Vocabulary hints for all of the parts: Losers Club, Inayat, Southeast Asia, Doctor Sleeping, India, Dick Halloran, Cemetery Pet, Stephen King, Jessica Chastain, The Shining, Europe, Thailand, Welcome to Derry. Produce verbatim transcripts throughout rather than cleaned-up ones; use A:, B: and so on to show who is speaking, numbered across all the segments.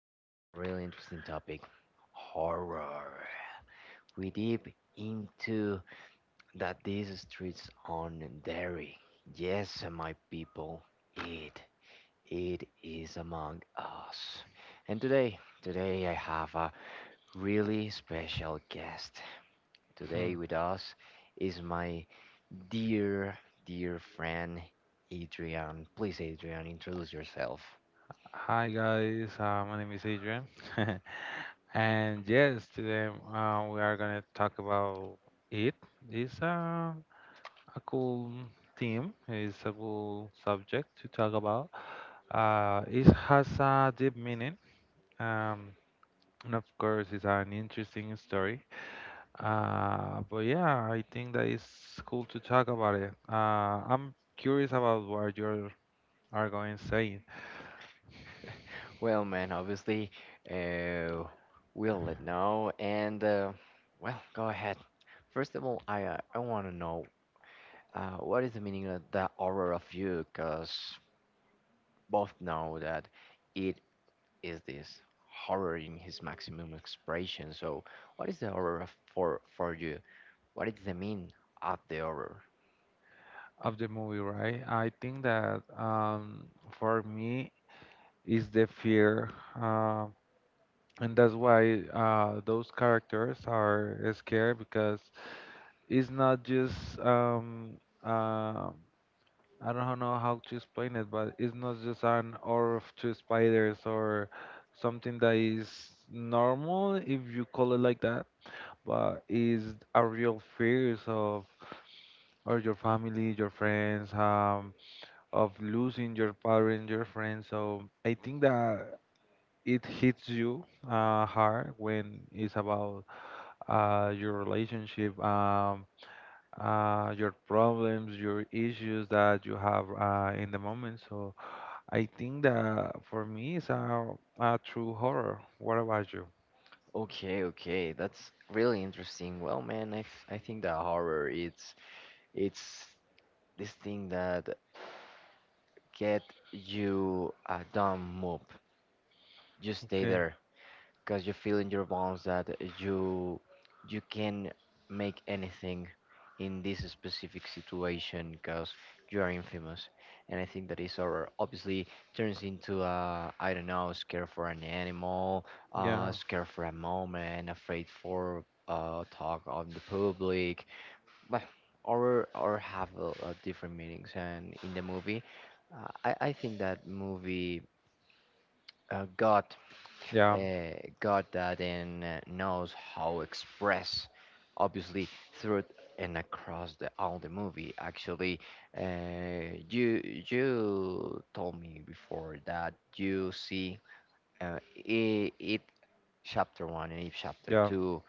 A: we have a really interesting topic horror. We deep into that these streets on dairy. Yes, my people, it it is among us. And today, today I have a really special guest. Today
B: Mhm.
A: with us is my dear, dear friend Adrian. Please, Adrian, introduce yourself.
B: Hi guys, uh, my name is Adrian, and yes, today uh, we are gonna talk about it. It's uh, a cool theme. It's a cool subject to talk about. Uh, it has a deep meaning, um, and of course, it's an interesting story. Uh, but yeah, I think that it's cool to talk about it. Uh, I'm curious about what you are going to say
A: Well, man, obviously, uh, we'll let know. And, uh, well, go ahead. First of all, I, uh, I want to know uh, what is the meaning of the horror of you? Because both know that it is this horror in his maximum expression. So, what is the horror of, for for you? What is the mean of the horror?
B: of the movie, right? I think that um, for me is the fear, uh, and that's why uh, those characters are scared because it's not just um, uh, I don't know how to explain it, but it's not just an or of two spiders or something that is normal if you call it like that, but is a real fears of or your family, your friends, um, of losing your parents, your friends. So I think that it hits you uh, hard when it's about uh, your relationship, um, uh, your problems, your issues that you have uh, in the moment. So I think that for me, it's a, a true horror. What about you?
A: Okay, okay, that's really interesting. Well, man, I, f- I think that horror it's it's this thing that get you a dumb move. You stay
B: Okay.
A: there because you feel in your bones that you you can make anything in this specific situation because you are infamous, and I think that is our obviously turns into a, I don't know, scared for an animal, uh
B: Yeah.
A: scared for a moment, afraid for uh talk on the public, but or or have a, uh different meanings. And in the movie, uh, i i think that movie uh, got
B: Yeah.
A: uh, God that in uh, knows how express, obviously through and across the all the movie. Actually, uh, you you told me before that you see uh, it, it chapter one and it chapter
B: Yeah.
A: two,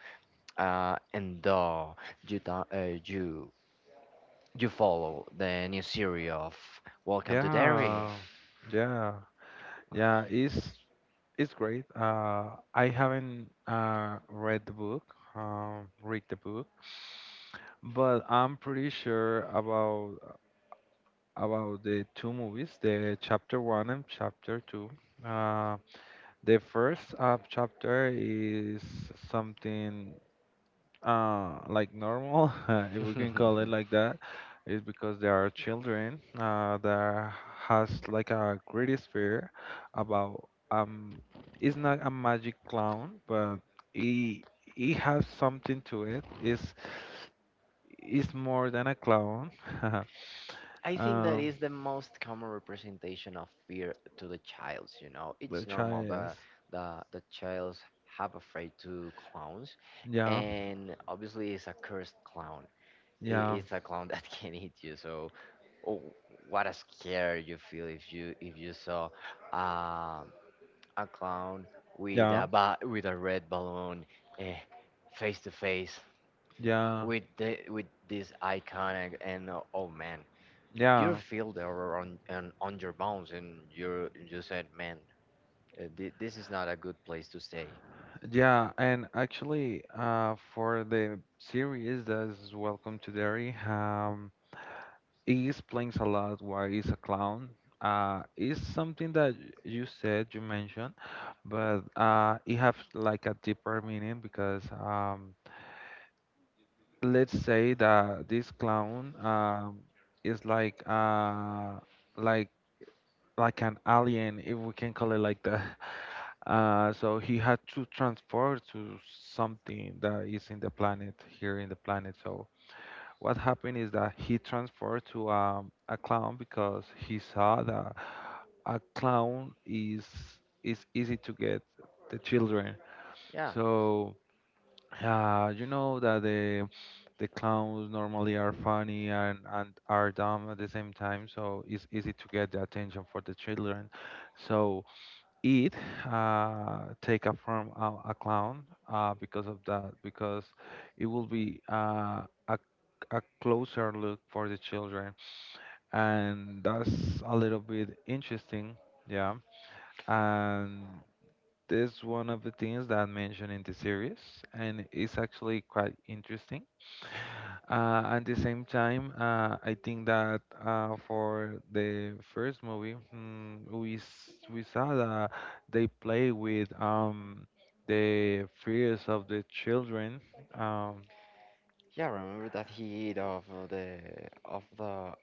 A: uh, and the you do uh, you you follow the new series of Welcome to Derry.
B: Yeah. Yeah. Yeah. It's It's great. Uh, I haven't uh, read the book, um, read the book, but I'm pretty sure about about the two movies, the chapter one and chapter two. Uh, the first uh, chapter is something uh, like normal, if we can call it like that, is because there are children uh, that has like a greatest fear about um, it's not a magic clown, but he he has something to it. Is is more than a clown.
A: I think that
B: um,
A: is the most common representation of fear to the childs, you know. It's
B: the
A: normal
B: child,
A: that the the childs have afraid to clowns,
B: yeah,
A: and obviously it's a cursed clown. I-
B: yeah,
A: It's a clown that can eat you. So, oh, what a scare you feel if you if you saw uh, a clown with
B: yeah,
A: a ba- with a red balloon, eh, face to face
B: yeah,
A: with the with this iconic, and oh man, you
B: yeah.
A: feel they were on and on your bones, and you you said, "Man, uh, thi- this is not a good place to stay."
B: Yeah, and actually, uh, for the series that's Welcome to Derry, um, he explains a lot why he's a clown. Uh, it's something that y- you said, you mentioned, but uh, it has like a deeper meaning because um, let's say that this clown um, is like uh, like like an alien, if we can call it like that. Uh, so he had to transfer to something that is in the planet, here in the planet. So what happened is that he transferred to um, a clown because he saw that a clown is is easy to get the children.
A: Yeah,
B: So uh, you know that the the clowns normally are funny and, and are dumb at the same time, so it's easy to get the attention for the children. So it uh, take up from a, a clown uh, because of that because it will be uh, a, a closer look for the children, and that's a little bit interesting, yeah. And
A: wow.
B: this one of the things that I mentioned in the series, and it's actually quite interesting uh, at the same time. uh, I think that uh, for the first movie, hmm, we s- we saw that they play with um, the fears of the children. Um,
A: Yeah, remember that heat of uh, the of the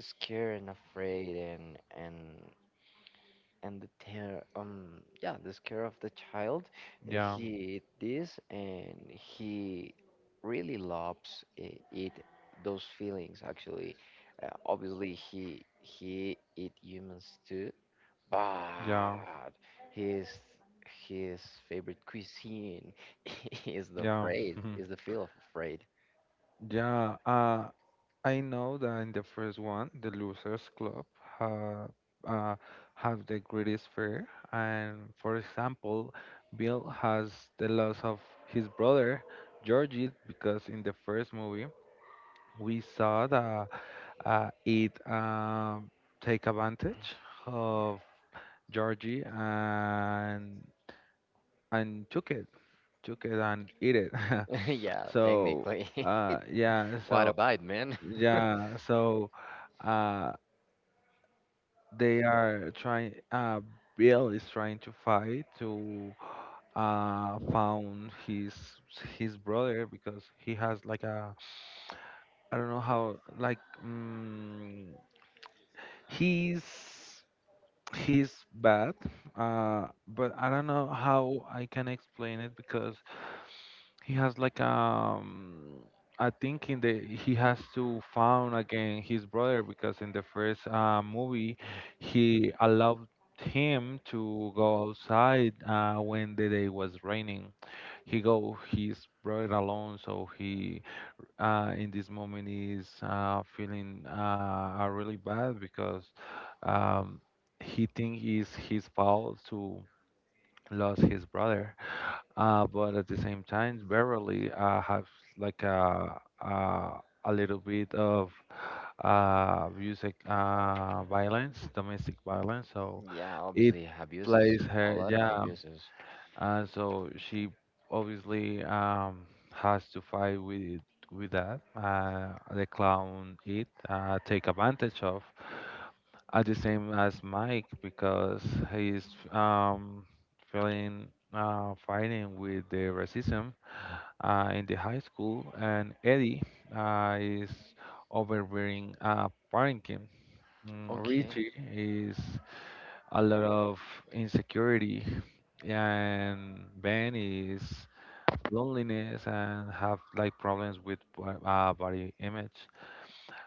A: scared and afraid, and and and the terror. Um, yeah, the scare of the child. Uh,
B: yeah,
A: He ate this, and he really loves uh, it, those feelings actually. Uh, obviously he he eat humans too,
B: yeah,
A: but his his favorite cuisine is the
B: yeah,
A: afraid, is the feel of afraid.
B: yeah. Uh, I know that in the first one, the Losers Club ha, uh, have the greatest fear, and for example, Bill has the loss of his brother Georgie because in the first movie we saw that uh, it um, take advantage of Georgie, and and took it, took it and eat it.
A: Yeah,
B: so
A: technically.
B: uh, yeah,
A: What
B: so
A: a bite, man.
B: yeah, so. Uh, They are trying. Uh, Bill is trying to fight to uh found his his brother because he has like a, I don't know how, like mm he's he's bad, uh but I don't know how I can explain it because he has like, um I think in the he has to found again his brother because in the first uh, movie he allowed him to go outside uh, when the day was raining. He go his brother alone, so he uh, in this moment is uh, feeling uh, uh, really bad because um, he think is his fault to lose his brother. Uh, but at the same time, Beverly uh, has like a, a a little bit of uh music, uh violence, domestic violence. So
A: Yeah,
B: it
A: obviously abuses,
B: plays
A: a
B: her,
A: lot of
B: yeah,
A: abuses.
B: uh, so she obviously um, has to fight with with that. Uh, the clown it uh, take advantage of at the same as Mike because he's um, feeling, uh, fighting with the racism uh, in the high school, and Eddie uh, is overbearing uh, parenting. Mm,
A: Okay.
B: Richie is a lot of insecurity, and Ben is loneliness and have like problems with bo- uh, body image.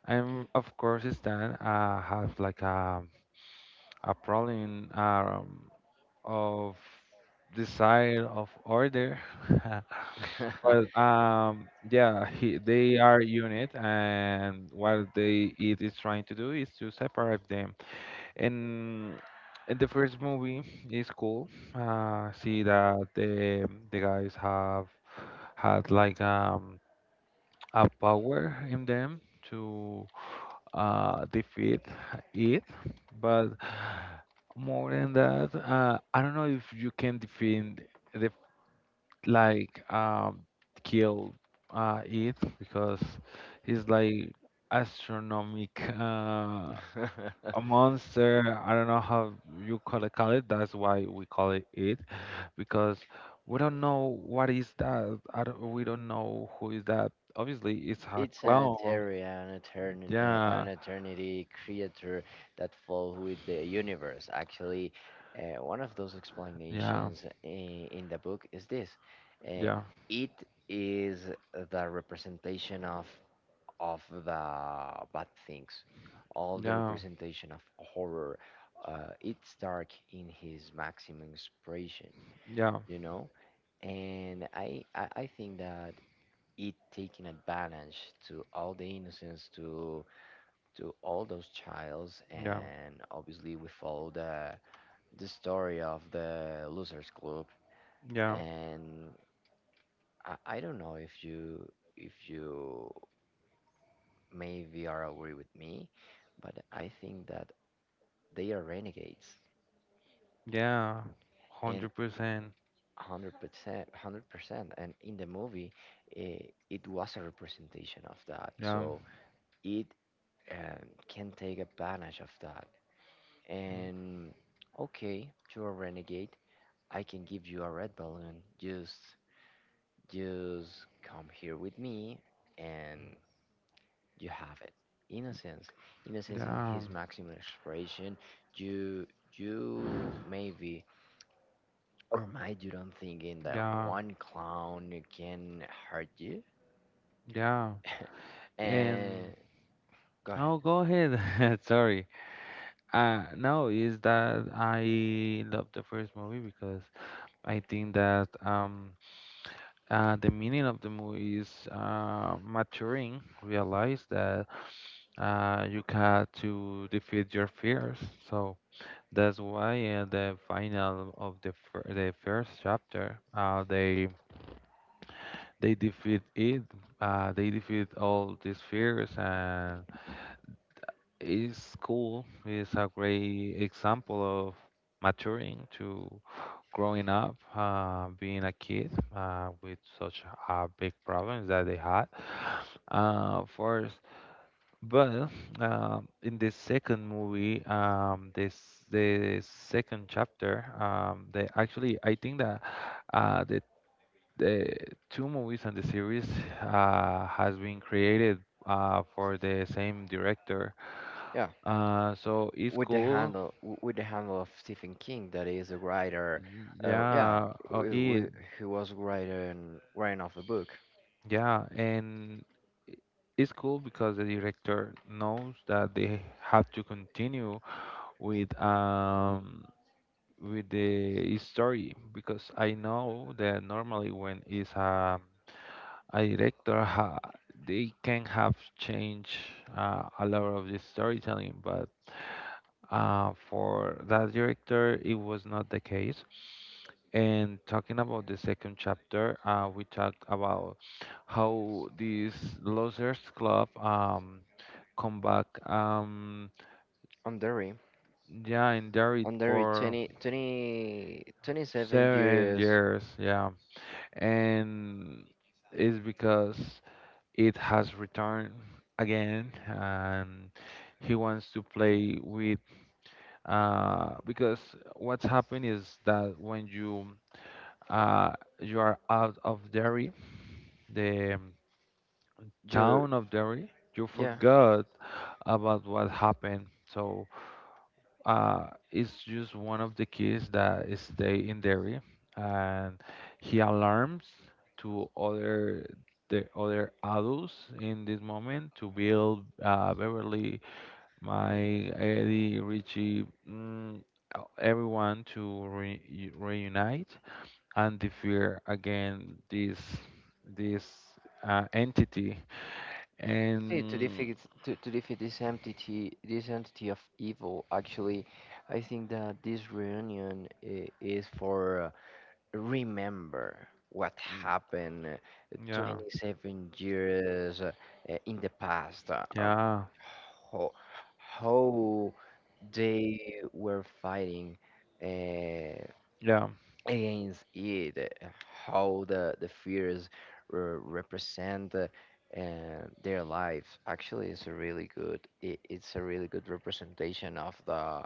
B: And of course, Stan uh, have like a a problem um, of desire of order. but um, yeah, he, they are unit, and what they it is trying to do is to separate them. And in the first movie, it's cool. Uh, see that the the guys have had like um a power in them to uh defeat it, but more than that, uh, I don't know if you can defend the, like, um kill uh it because it's like astronomic, uh a monster. I don't know how you call it, call it. That's why we call it it because we don't know what is that. I don't, we don't know who is that. Obviously, it's a
A: It's an
B: clown.
A: eteria, an eternity,
B: Yeah,
A: an eternity creator that flows with the universe. Actually, uh, one of those
B: yeah,
A: explanations in, in the book is this: uh,
B: yeah,
A: it is the representation of of the bad things, all the
B: yeah,
A: representation of horror. Uh, it's dark in his maximum expression,
B: yeah,
A: you know, and I I, I think that it taking advantage to all the innocence to to all those childs,
B: yeah,
A: and obviously we follow the the story of the losers club,
B: yeah,
A: and I, I don't know if you if you maybe are agree with me, but I think that they are renegades.
B: yeah.
A: And
B: Hundred percent.
A: one hundred percent one hundred percent, and in the movie it, it was a representation of that,
B: Yeah,
A: so it um, can take advantage of that.
B: mm,
A: And okay, you're a renegade. I can give you a red balloon. Just, just come here with me, and you have it. Innocence, innocence in
B: yeah.
A: his maximum expression. You, you maybe or might, you don't think in that
B: Yeah.
A: one clown can hurt you.
B: Yeah, and
A: And go ahead.
B: oh, go ahead. Sorry. Uh, no, is that I love the first movie because I think that um uh the meaning of the movie is uh maturing, realize that uh you got to defeat your fears. So that's why uh, the final of the fir the first chapter, uh they they defeat it. Uh, they defeat all these fears, and it's cool. It's a great example of maturing, to growing up, uh, being a kid uh, with such uh, big problems that they had uh, first. But um in the second movie, um, this the second chapter, um, they actually, I think that uh, the the two movies on the series uh, has been created uh, for the same director.
A: Yeah.
B: Uh, so it's
A: With the
B: cool.
A: handle w- with the handle of Stephen King, that is a writer, uh, yeah,
B: Yeah, oh,
A: w-
B: it,
A: w- he was writing writing of a book
B: yeah, and i- it's cool because the director knows that they have to continue with um with the story because I know that normally when it's a a director ha they can have changed uh, a lot of the storytelling, but uh, for that director, it was not the case. And talking about the second chapter, uh, we talk about how this losers club um, come back. Um,
A: on Derry
B: yeah, and it
A: on Derry
B: for
A: twenty twenty twenty seven
B: seven
A: years
B: years. Yeah, and it's because it has returned again, and he wants to play with, uh, because what's happened is that when you uh, you are out of Derry, the
A: you.
B: town of Derry, you
A: Yeah.
B: forgot about what happened. So uh, it's just one of the kids that stay in Derry, and he alarms to other the other adults in this moment to build uh, Beverly, my Eddie, Richie, mm, uh, everyone to re- reunite and defeat again this this uh, entity.
A: See, to
B: And
A: defeat to, to defeat this entity, this entity of evil. Actually, I think that this reunion i- is for, uh, remember what
B: mm,
A: happened, uh,
B: yeah,
A: twenty seven years uh, uh, in the past, uh, um,
B: yeah,
A: how, how they were fighting uh,
B: yeah,
A: against it, uh, how the, the fears re- represent uh, uh, their lives. Actually, it's a really good, it, it's a really good representation of the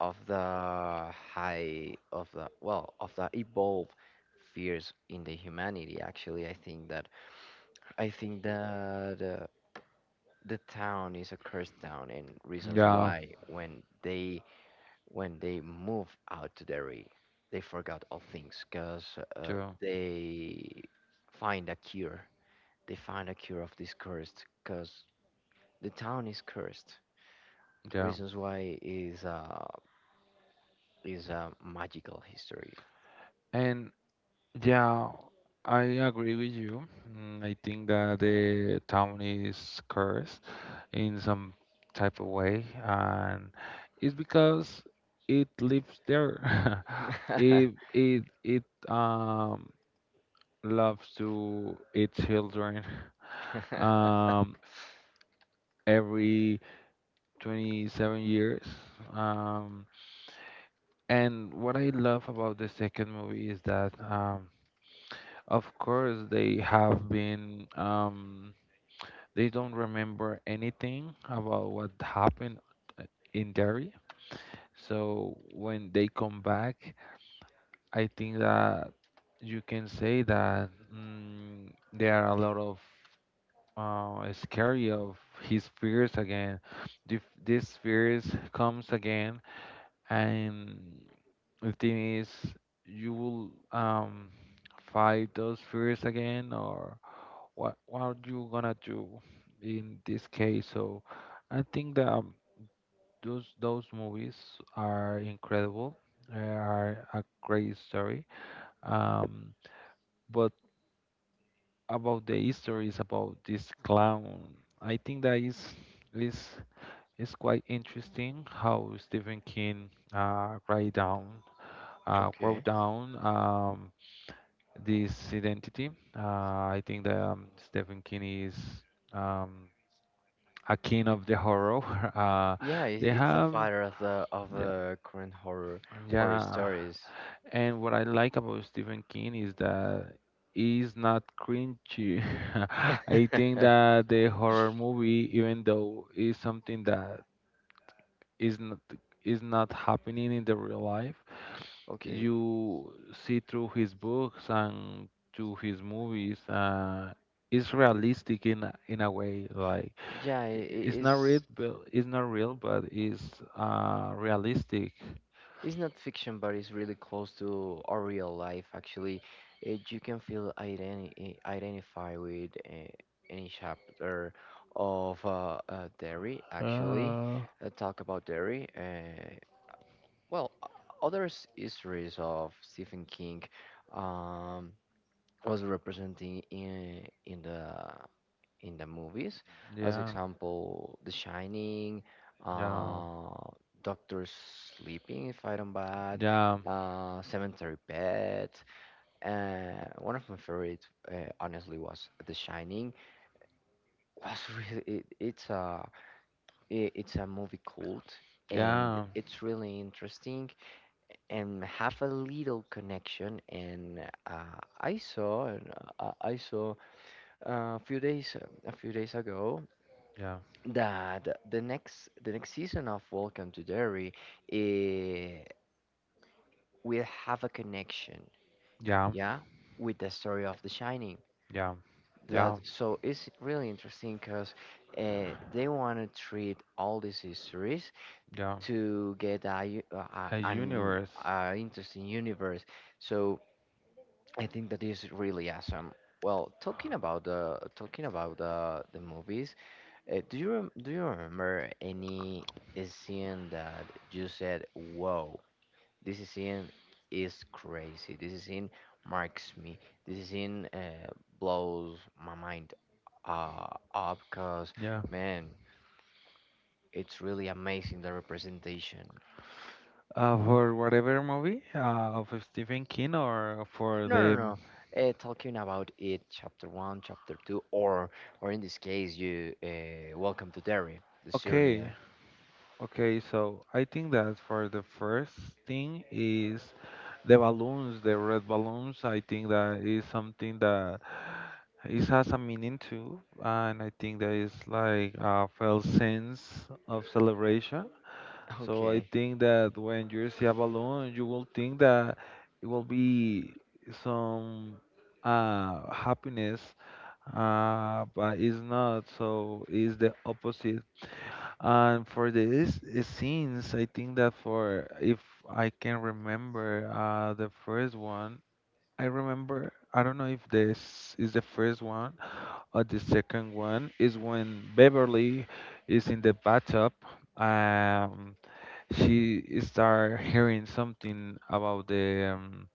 A: of the high of the well of the evolved fears in the humanity. Actually, i think that i think that uh, the town is a cursed town, and reasons
B: yeah,
A: why when they when they move out to Derry they forgot all things, because uh,
B: yeah,
A: they find a cure, they find a cure of this cursed, because the town is cursed,
B: yeah.
A: reasons why is uh is a magical history.
B: And yeah, I agree with you. Mm, I think that the town is cursed in some type of way, and it's because it lives there. it it it um loves to eat children um every twenty-seven years. Um, and what I love about the second movie is that, um of course, they have been um they don't remember anything about what happened uh, in there. So when they come back, I think that you can say that, mm, there are a lot of uh, scary of his fears again. This these fears comes again, and the thing is, you will, um, fight those fears again, or what? What are you gonna do in this case? So I think that. um, those those movies are incredible. They are a great story. Um, but about the histories about this clown, I think that is is is quite interesting how Stephen King uh, write down uh, wrote
A: Okay.
B: down um, this identity. Uh, I think that um, Stephen King is um, a king of the horror. Uh,
A: Yeah, it's,
B: they
A: it's a
B: have,
A: father of the of
B: yeah.
A: the current horror horror
B: Yeah.
A: stories.
B: And what I like about Stephen King is that it's not cringy. I think that the horror movie, even though it's something that is not is not happening in the real life,
A: Okay.
B: you see through his books and to his movies, uh, it's realistic in a- in a way. Like,
A: Yeah, i-
B: i-
A: i-
B: it's not
A: it's
B: real, but it's not real, but it's uh, realistic.
A: it's not fiction, but it's really close to our real life. Actually, Uh, you can feel identi i- identify with uh, any chapter of uh, uh, Derry. Actually,
B: Ah.
A: uh, talk about Derry. Uh, well, o- other s- histories of Stephen King. Um, was representing in in the in the movies, as
B: Yeah.
A: example, The Shining,
B: Yeah.
A: uh, Doctor Sleeping, if I don't bad,
B: Yeah.
A: uh, Cemetery Pet. Uh, one of my favorite, uh, honestly, was The Shining. Was really it, it's a i- it's a movie cult. And
B: Yeah.
A: it's really interesting, and have a little connection. And uh, I saw, and uh, I I saw a few days, a few days ago,
B: Yeah.
A: that the next the next season of Welcome to Derry, eh, will have a connection,
B: Yeah.
A: yeah, with the story of The Shining.
B: Yeah.
A: That
B: Yeah.
A: so it's really interesting, because uh, they want to treat all these histories
B: Yeah.
A: to get a, u- a, a-
B: A
A: an
B: universe.
A: a interesting universe. So I think that is really awesome. Well, talking about the talking about the the movies, Uh, do you rem- do you remember any scene that you said, "Whoa, this scene is crazy. This scene marks me. This scene uh, blows my mind uh, up." 'Cause
B: Yeah.
A: man, it's really amazing the representation.
B: Uh, for whatever movie uh, of Stephen King or for
A: No, no,
B: the.
A: no. Uh, talking about it, chapter one, chapter two, or or in this case, you, uh, welcome to Derry, the
B: Okay.
A: Syria.
B: Okay. So I think that for the first thing is The balloons, the red balloons, I think that is something that it has a meaning too, and I think that is like a felt sense of celebration. So I
A: Okay.
B: think that when you see a balloon, you will think that it will be some, uh, happiness, uh, but it's not. So it's the opposite. And for this uh, scenes, I think that for if I can remember uh, the first one. I remember I don't know if this is the first one or the second one, is when Beverly is in the bathtub. Um, she start hearing something about the um,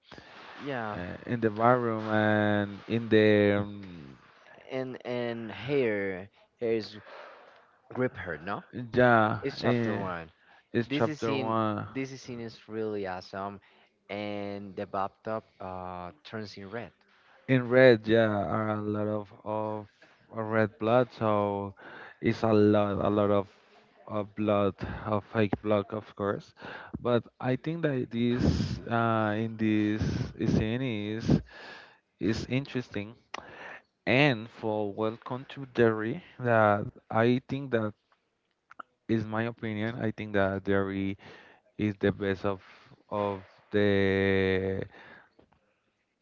A: Yeah,
B: uh, in the bathroom and in the um,
A: and and here here is grip her. No,
B: yeah,
A: it's chapter
B: eh,
A: one.
B: it's
A: This is
B: chapter
A: scene,
B: one.
A: this is scene is really awesome, and the bathtub uh turns in red.
B: In red, yeah, are a lot of of uh, red blood, so it's a lot, a lot of of blood, of fake blood, of course. But I think that this uh, in this scene is is interesting. And for Welcome to Derry, that I think that is my opinion. I think that Derry is the best of of the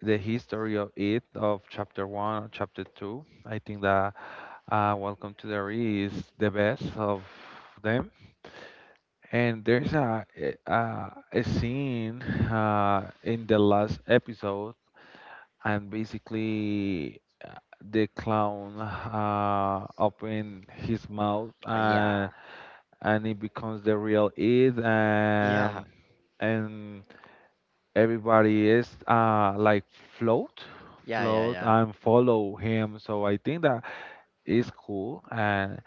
B: the history of it, of chapter one, chapter two. I think that Uh, Welcome to the Re is the best of them. And there's a a, a scene uh, in the last episode, and basically uh, the clown uh, open his mouth
A: Uh,
B: and
A: yeah,
B: and it becomes the real it,
A: yeah,
B: um, and everybody is uh, like float,
A: yeah, yeah,
B: float
A: yeah.
B: and follow him. So I think that is cool. And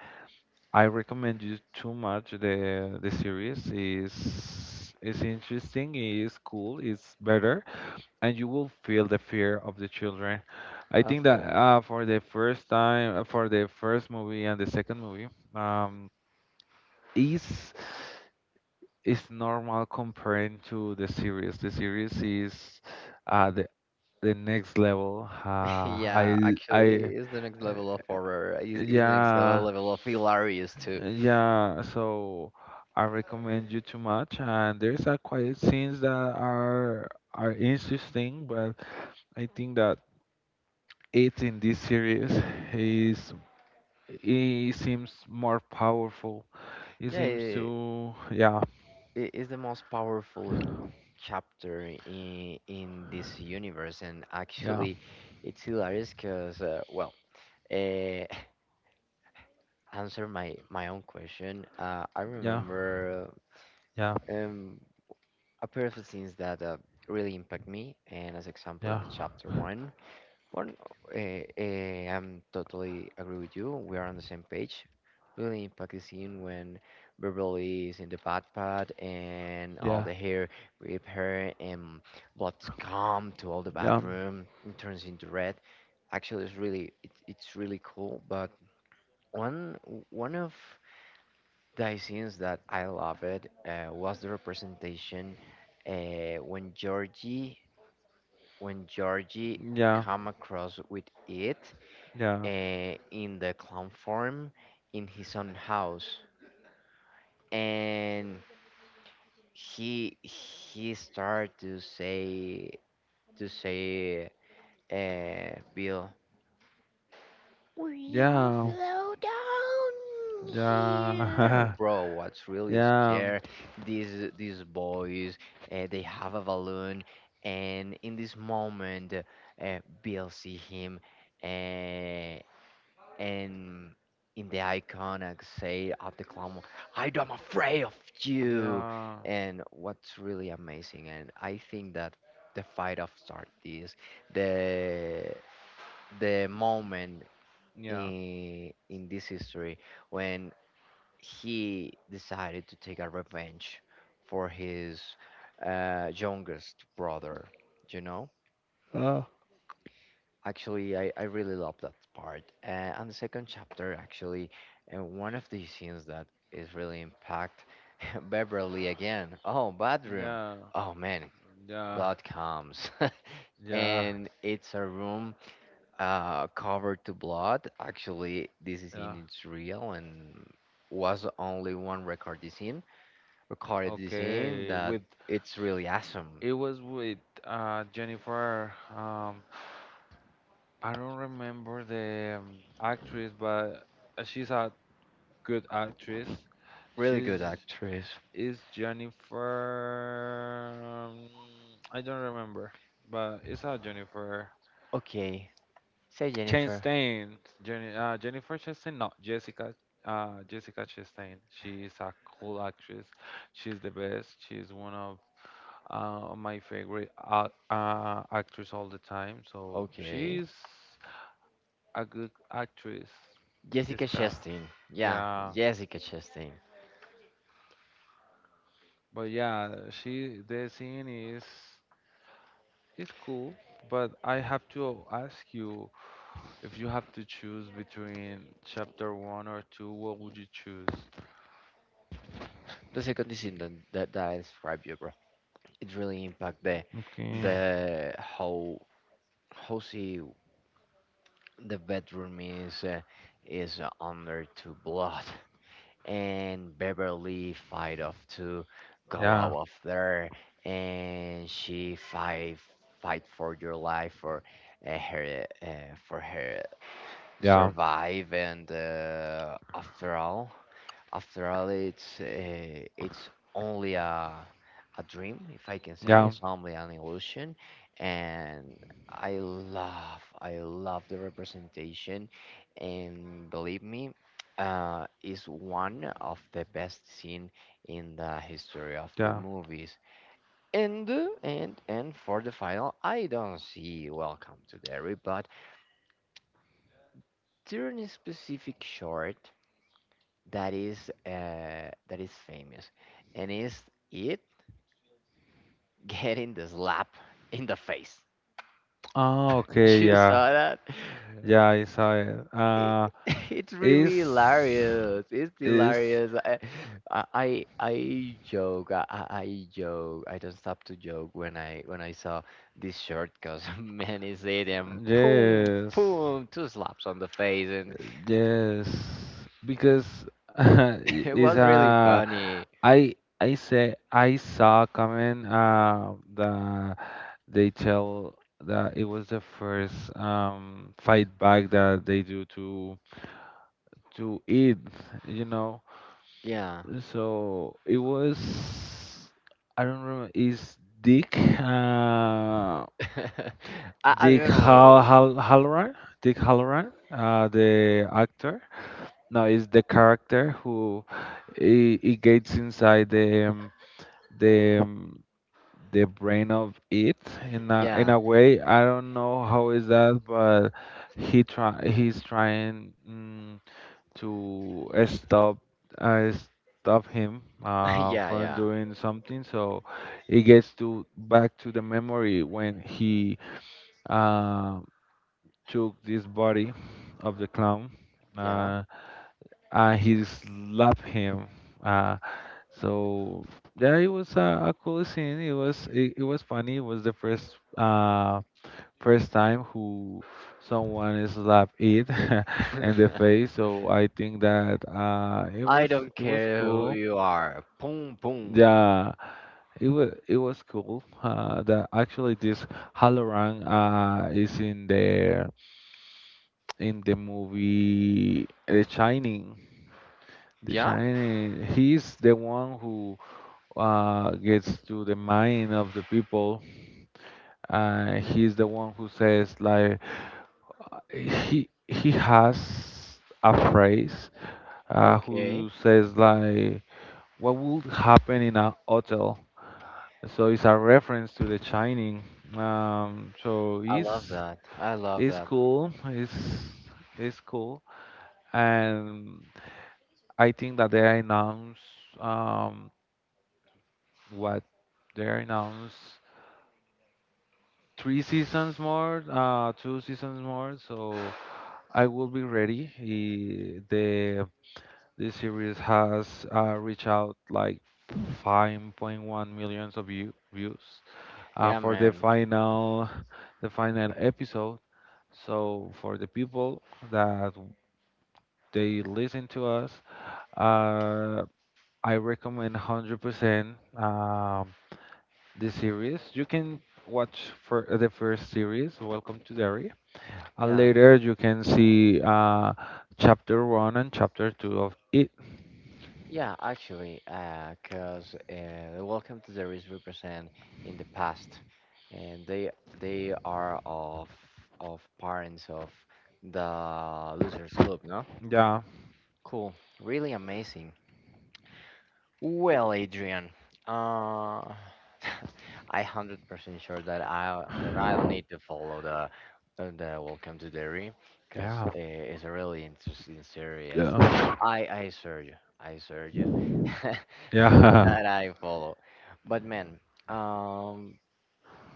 B: I recommend you too much, the the series is is interesting, is cool, is better, and you will feel the fear of the children. I think that
A: Awful.
B: uh, for the first time, uh, for the first movie and the second movie, um, is is normal comparing to the series. The series is uh, the the next level. Uh,
A: Yeah,
B: Yeah.
A: actually
B: I
A: it's the next level of horror.
B: I
A: it's, it's the next
B: Yeah,
A: level of hilarious too.
B: yeah. So I recommend you too much. And there's a quiet scenes that are are interesting, but I think that it, in this series, is it seems more powerful. It
A: Yeah,
B: seems
A: it,
B: to yeah
A: it's the most powerful chapter in in this universe, and
B: yeah
A: actually, it's hilarious because uh, well, uh, answer my my own question. Uh, I
B: yeah
A: remember,
B: yeah
A: um, a pair of scenes that uh, really impact me, and as example
B: yeah.
A: in the chapter one. Well, eh, eh, I'm totally agree with you. We are on the same page. Really impacting scene when Beverly is in the backpack and all
B: Yeah.
A: the hair grip her and blood come to all the
B: Yeah.
A: bathroom and turns into red. Actually, it's really, it, it's really cool. But one one of the scenes that I love it, uh, was the representation, uh, when Georgie, when Georgie
B: Yeah.
A: come across with it,
B: Yeah.
A: uh, in the clown form in his own house, and he he started to say, to say uh, bill we are
B: Yeah.
A: flow down here,
B: Yeah.
A: bro, what's really
B: Yeah.
A: scare these these boys. Uh, they have a balloon, and in this moment, uh, bill see him, uh, and in the iconic say of the clown, I am afraid of you.
B: Yeah.
A: And what's really amazing, and I think that the fight of start this the the moment
B: Yeah.
A: in in this history when he decided to take a revenge for his, uh, youngest brother, you know.
B: Uh,
A: Actually, I, I really love that part. Uh, and the second chapter, actually, uh, one of the scenes that is really impact Beverly again. Oh, bathroom.
B: Yeah.
A: Oh man,
B: Yeah.
A: blood comes.
B: Yeah.
A: And it's a room uh, covered to blood. Actually, this is
B: Yeah.
A: in it's real, and was only one record this scene. Recorded this scene,
B: Okay,
A: that
B: with
A: it's really awesome.
B: it was with uh Jennifer. Um, I don't remember the um, actress, but uh, she's a good actress.
A: Really
B: She's
A: good actress.
B: it's Jennifer. um, I don't remember, but it's not Jennifer
A: Okay, say Jennifer.
B: Chastain. Jenny, uh, Jennifer Chastain. No, Jessica. Uh, Jessica Chastain. She is a cool actress. She's the best. She's one of uh, my favorite uh, uh, actress all the time. So
A: Okay.
B: she's a good actress.
A: Jessica
B: Jessica.
A: Chastain. Yeah,
B: Yeah.
A: Jessica Chastain.
B: But yeah, she, the scene is, it's cool. But I have to ask you, if you have to choose between chapter one or two, what would you choose?
A: The second decision that, that that I described you, bro, it really impact the
B: Okay.
A: the how how she the bedroom is, uh, is uh, under to blood, and Beverly fight off to go out
B: Yeah.
A: of there, and she fight fight for your life for uh, her uh, for her
B: Yeah.
A: survive, and uh, after all, after all it's, uh, it's only a a dream, if I can say,
B: Yeah.
A: it's only an illusion. And i love I love the representation, and believe me, uh, is one of the best scene in the history of the
B: Yeah.
A: movies. And uh, and and for the final I don't see Welcome to Derry, but during a specific short that is, uh, that is famous, and is it getting the slap in the face?
B: Oh, okay.
A: You
B: Yeah.
A: saw that?
B: Yeah. I saw it.
A: It,
B: Uh,
A: it's really
B: is
A: hilarious. It's
B: is
A: hilarious. I I I I joke. I, I I joke. I don't stop to joke when I when I saw this shirt, because man is it, and boom
B: yes.
A: boom, two slaps on the face, and
B: Yes, because
A: it
B: it's
A: was really
B: uh,
A: funny.
B: I I say I saw comment uh the they tell that it was the first um fight back that they do to to eat, you know.
A: Yeah.
B: So it was, I don't remember, is Dick uh
A: I, I
B: Dick
A: don't
B: Hal
A: know.
B: Hal Halloran Dick Halloran uh the actor. No, it's the character who it, it gets inside the um, the um, the brain of it in a in
A: Yeah.
B: a way. I don't know how is that, but he try he's trying, mm, to uh, stop uh, stop him uh,
A: Yeah,
B: from
A: yeah.
B: doing something. So it gets to back to the memory when he uh, took this body of the clown.
A: Yeah.
B: Uh, and he slapped him. Uh, so yeah, it was a, a cool scene. It was, it, it was funny. It was the first uh first time who someone is slapped it in the face. So I think that uh it
A: I
B: was,
A: don't
B: it was
A: care who
B: cool.
A: you are. Boom, boom.
B: Yeah, it was, it was cool. Uh, that actually this Halloran uh is in the in the movie The Shining. The
A: Yeah?
B: Shining, he's the one who uh, gets to the mind of the people, and he's the one who says, like, he he has a phrase uh,
A: Okay.
B: who says like what would happen in a hotel. So it's a reference to The Shining. Um, so
A: I love
B: it's
A: that. I love
B: it's
A: that.
B: cool. It's it's cool, and I think that they announce um, what they announce three seasons more, uh, two seasons more, so I will be ready. Eh, The the series has uh, reached out like five point one millions of view, views uh,
A: Yeah,
B: for the
A: man.
B: final, the final episode. So for the people that they listen to us, uh, I recommend one hundred percent um, the series. You can watch for the first series, Welcome to Derry, and
A: Yeah.
B: later you can see uh, chapter one and chapter two of it.
A: Yeah, actually, uh, 'cause uh, the Welcome to the Risk represent in the past, and they they are of of parents of the Losers Club, no?
B: Yeah,
A: Cool. Really amazing. Well, Adrian, uh, I hundred percent sure that I that I'll need to follow the, uh, the Welcome to Derry, because
B: yeah,
A: it's a really interesting series.
B: yeah,
A: I I swear you, I swear you
B: yeah,
A: that I follow. But man, um,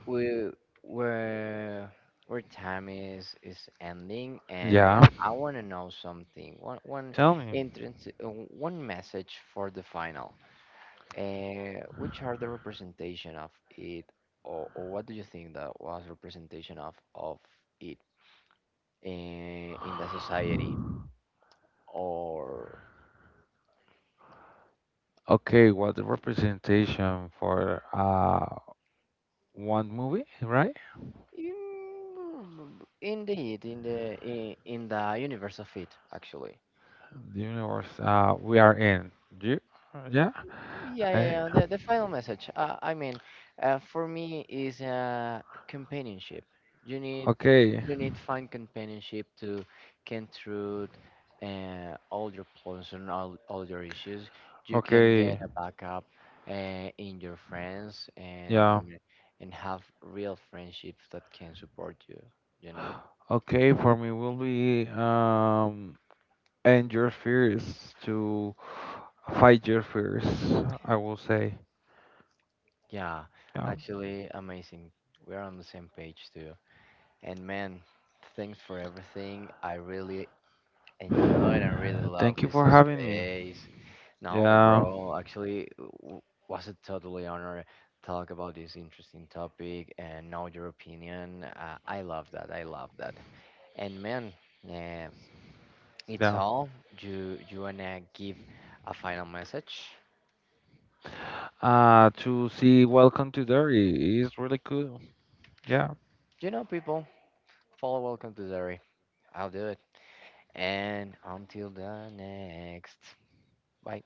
A: we we're our time is is ending, and
B: yeah.
A: I want to know something. One, one
B: Tell me.
A: entrance, uh, one message for the final. Uh, which are the representation of it, or, or what do you think that was representation of of it, in, in the society, or
B: Okay, what the representation for uh one movie, right?
A: in, in the it in the in, in the universe of it actually?
B: The universe uh we are in. Do you? Yeah.
A: Yeah, yeah,
B: Eh,
A: yeah. The, the final message. Uh, I mean, uh, for me is, uh, companionship. You need
B: okay,
A: you need find companionship to can through uh, all your problems and all, all your issues. You can get
B: okay,
A: a backup, uh, in your friends,
B: yeah.
A: and and have real friendships that can support you. You know.
B: Okay, for me will be um end your fears, to fight your fears, I will say.
A: Yeah,
B: Yeah.
A: actually, amazing. We're on the same page too. And man, thanks for everything. I really enjoyed, and really
B: Uh,
A: love
B: thank you
A: this
B: for having me.
A: space. No,
B: Yeah,
A: bro, actually, w- was a totally honor talk about this interesting topic, and know your opinion. Uh, I love that. I love that. And man, eh, it's
B: yeah.
A: all. You you wanna give a final message?
B: Uh to see Welcome to Derry is really cool. Yeah.
A: You know, people, follow Welcome to Derry. I'll do it. And until the next. Bye.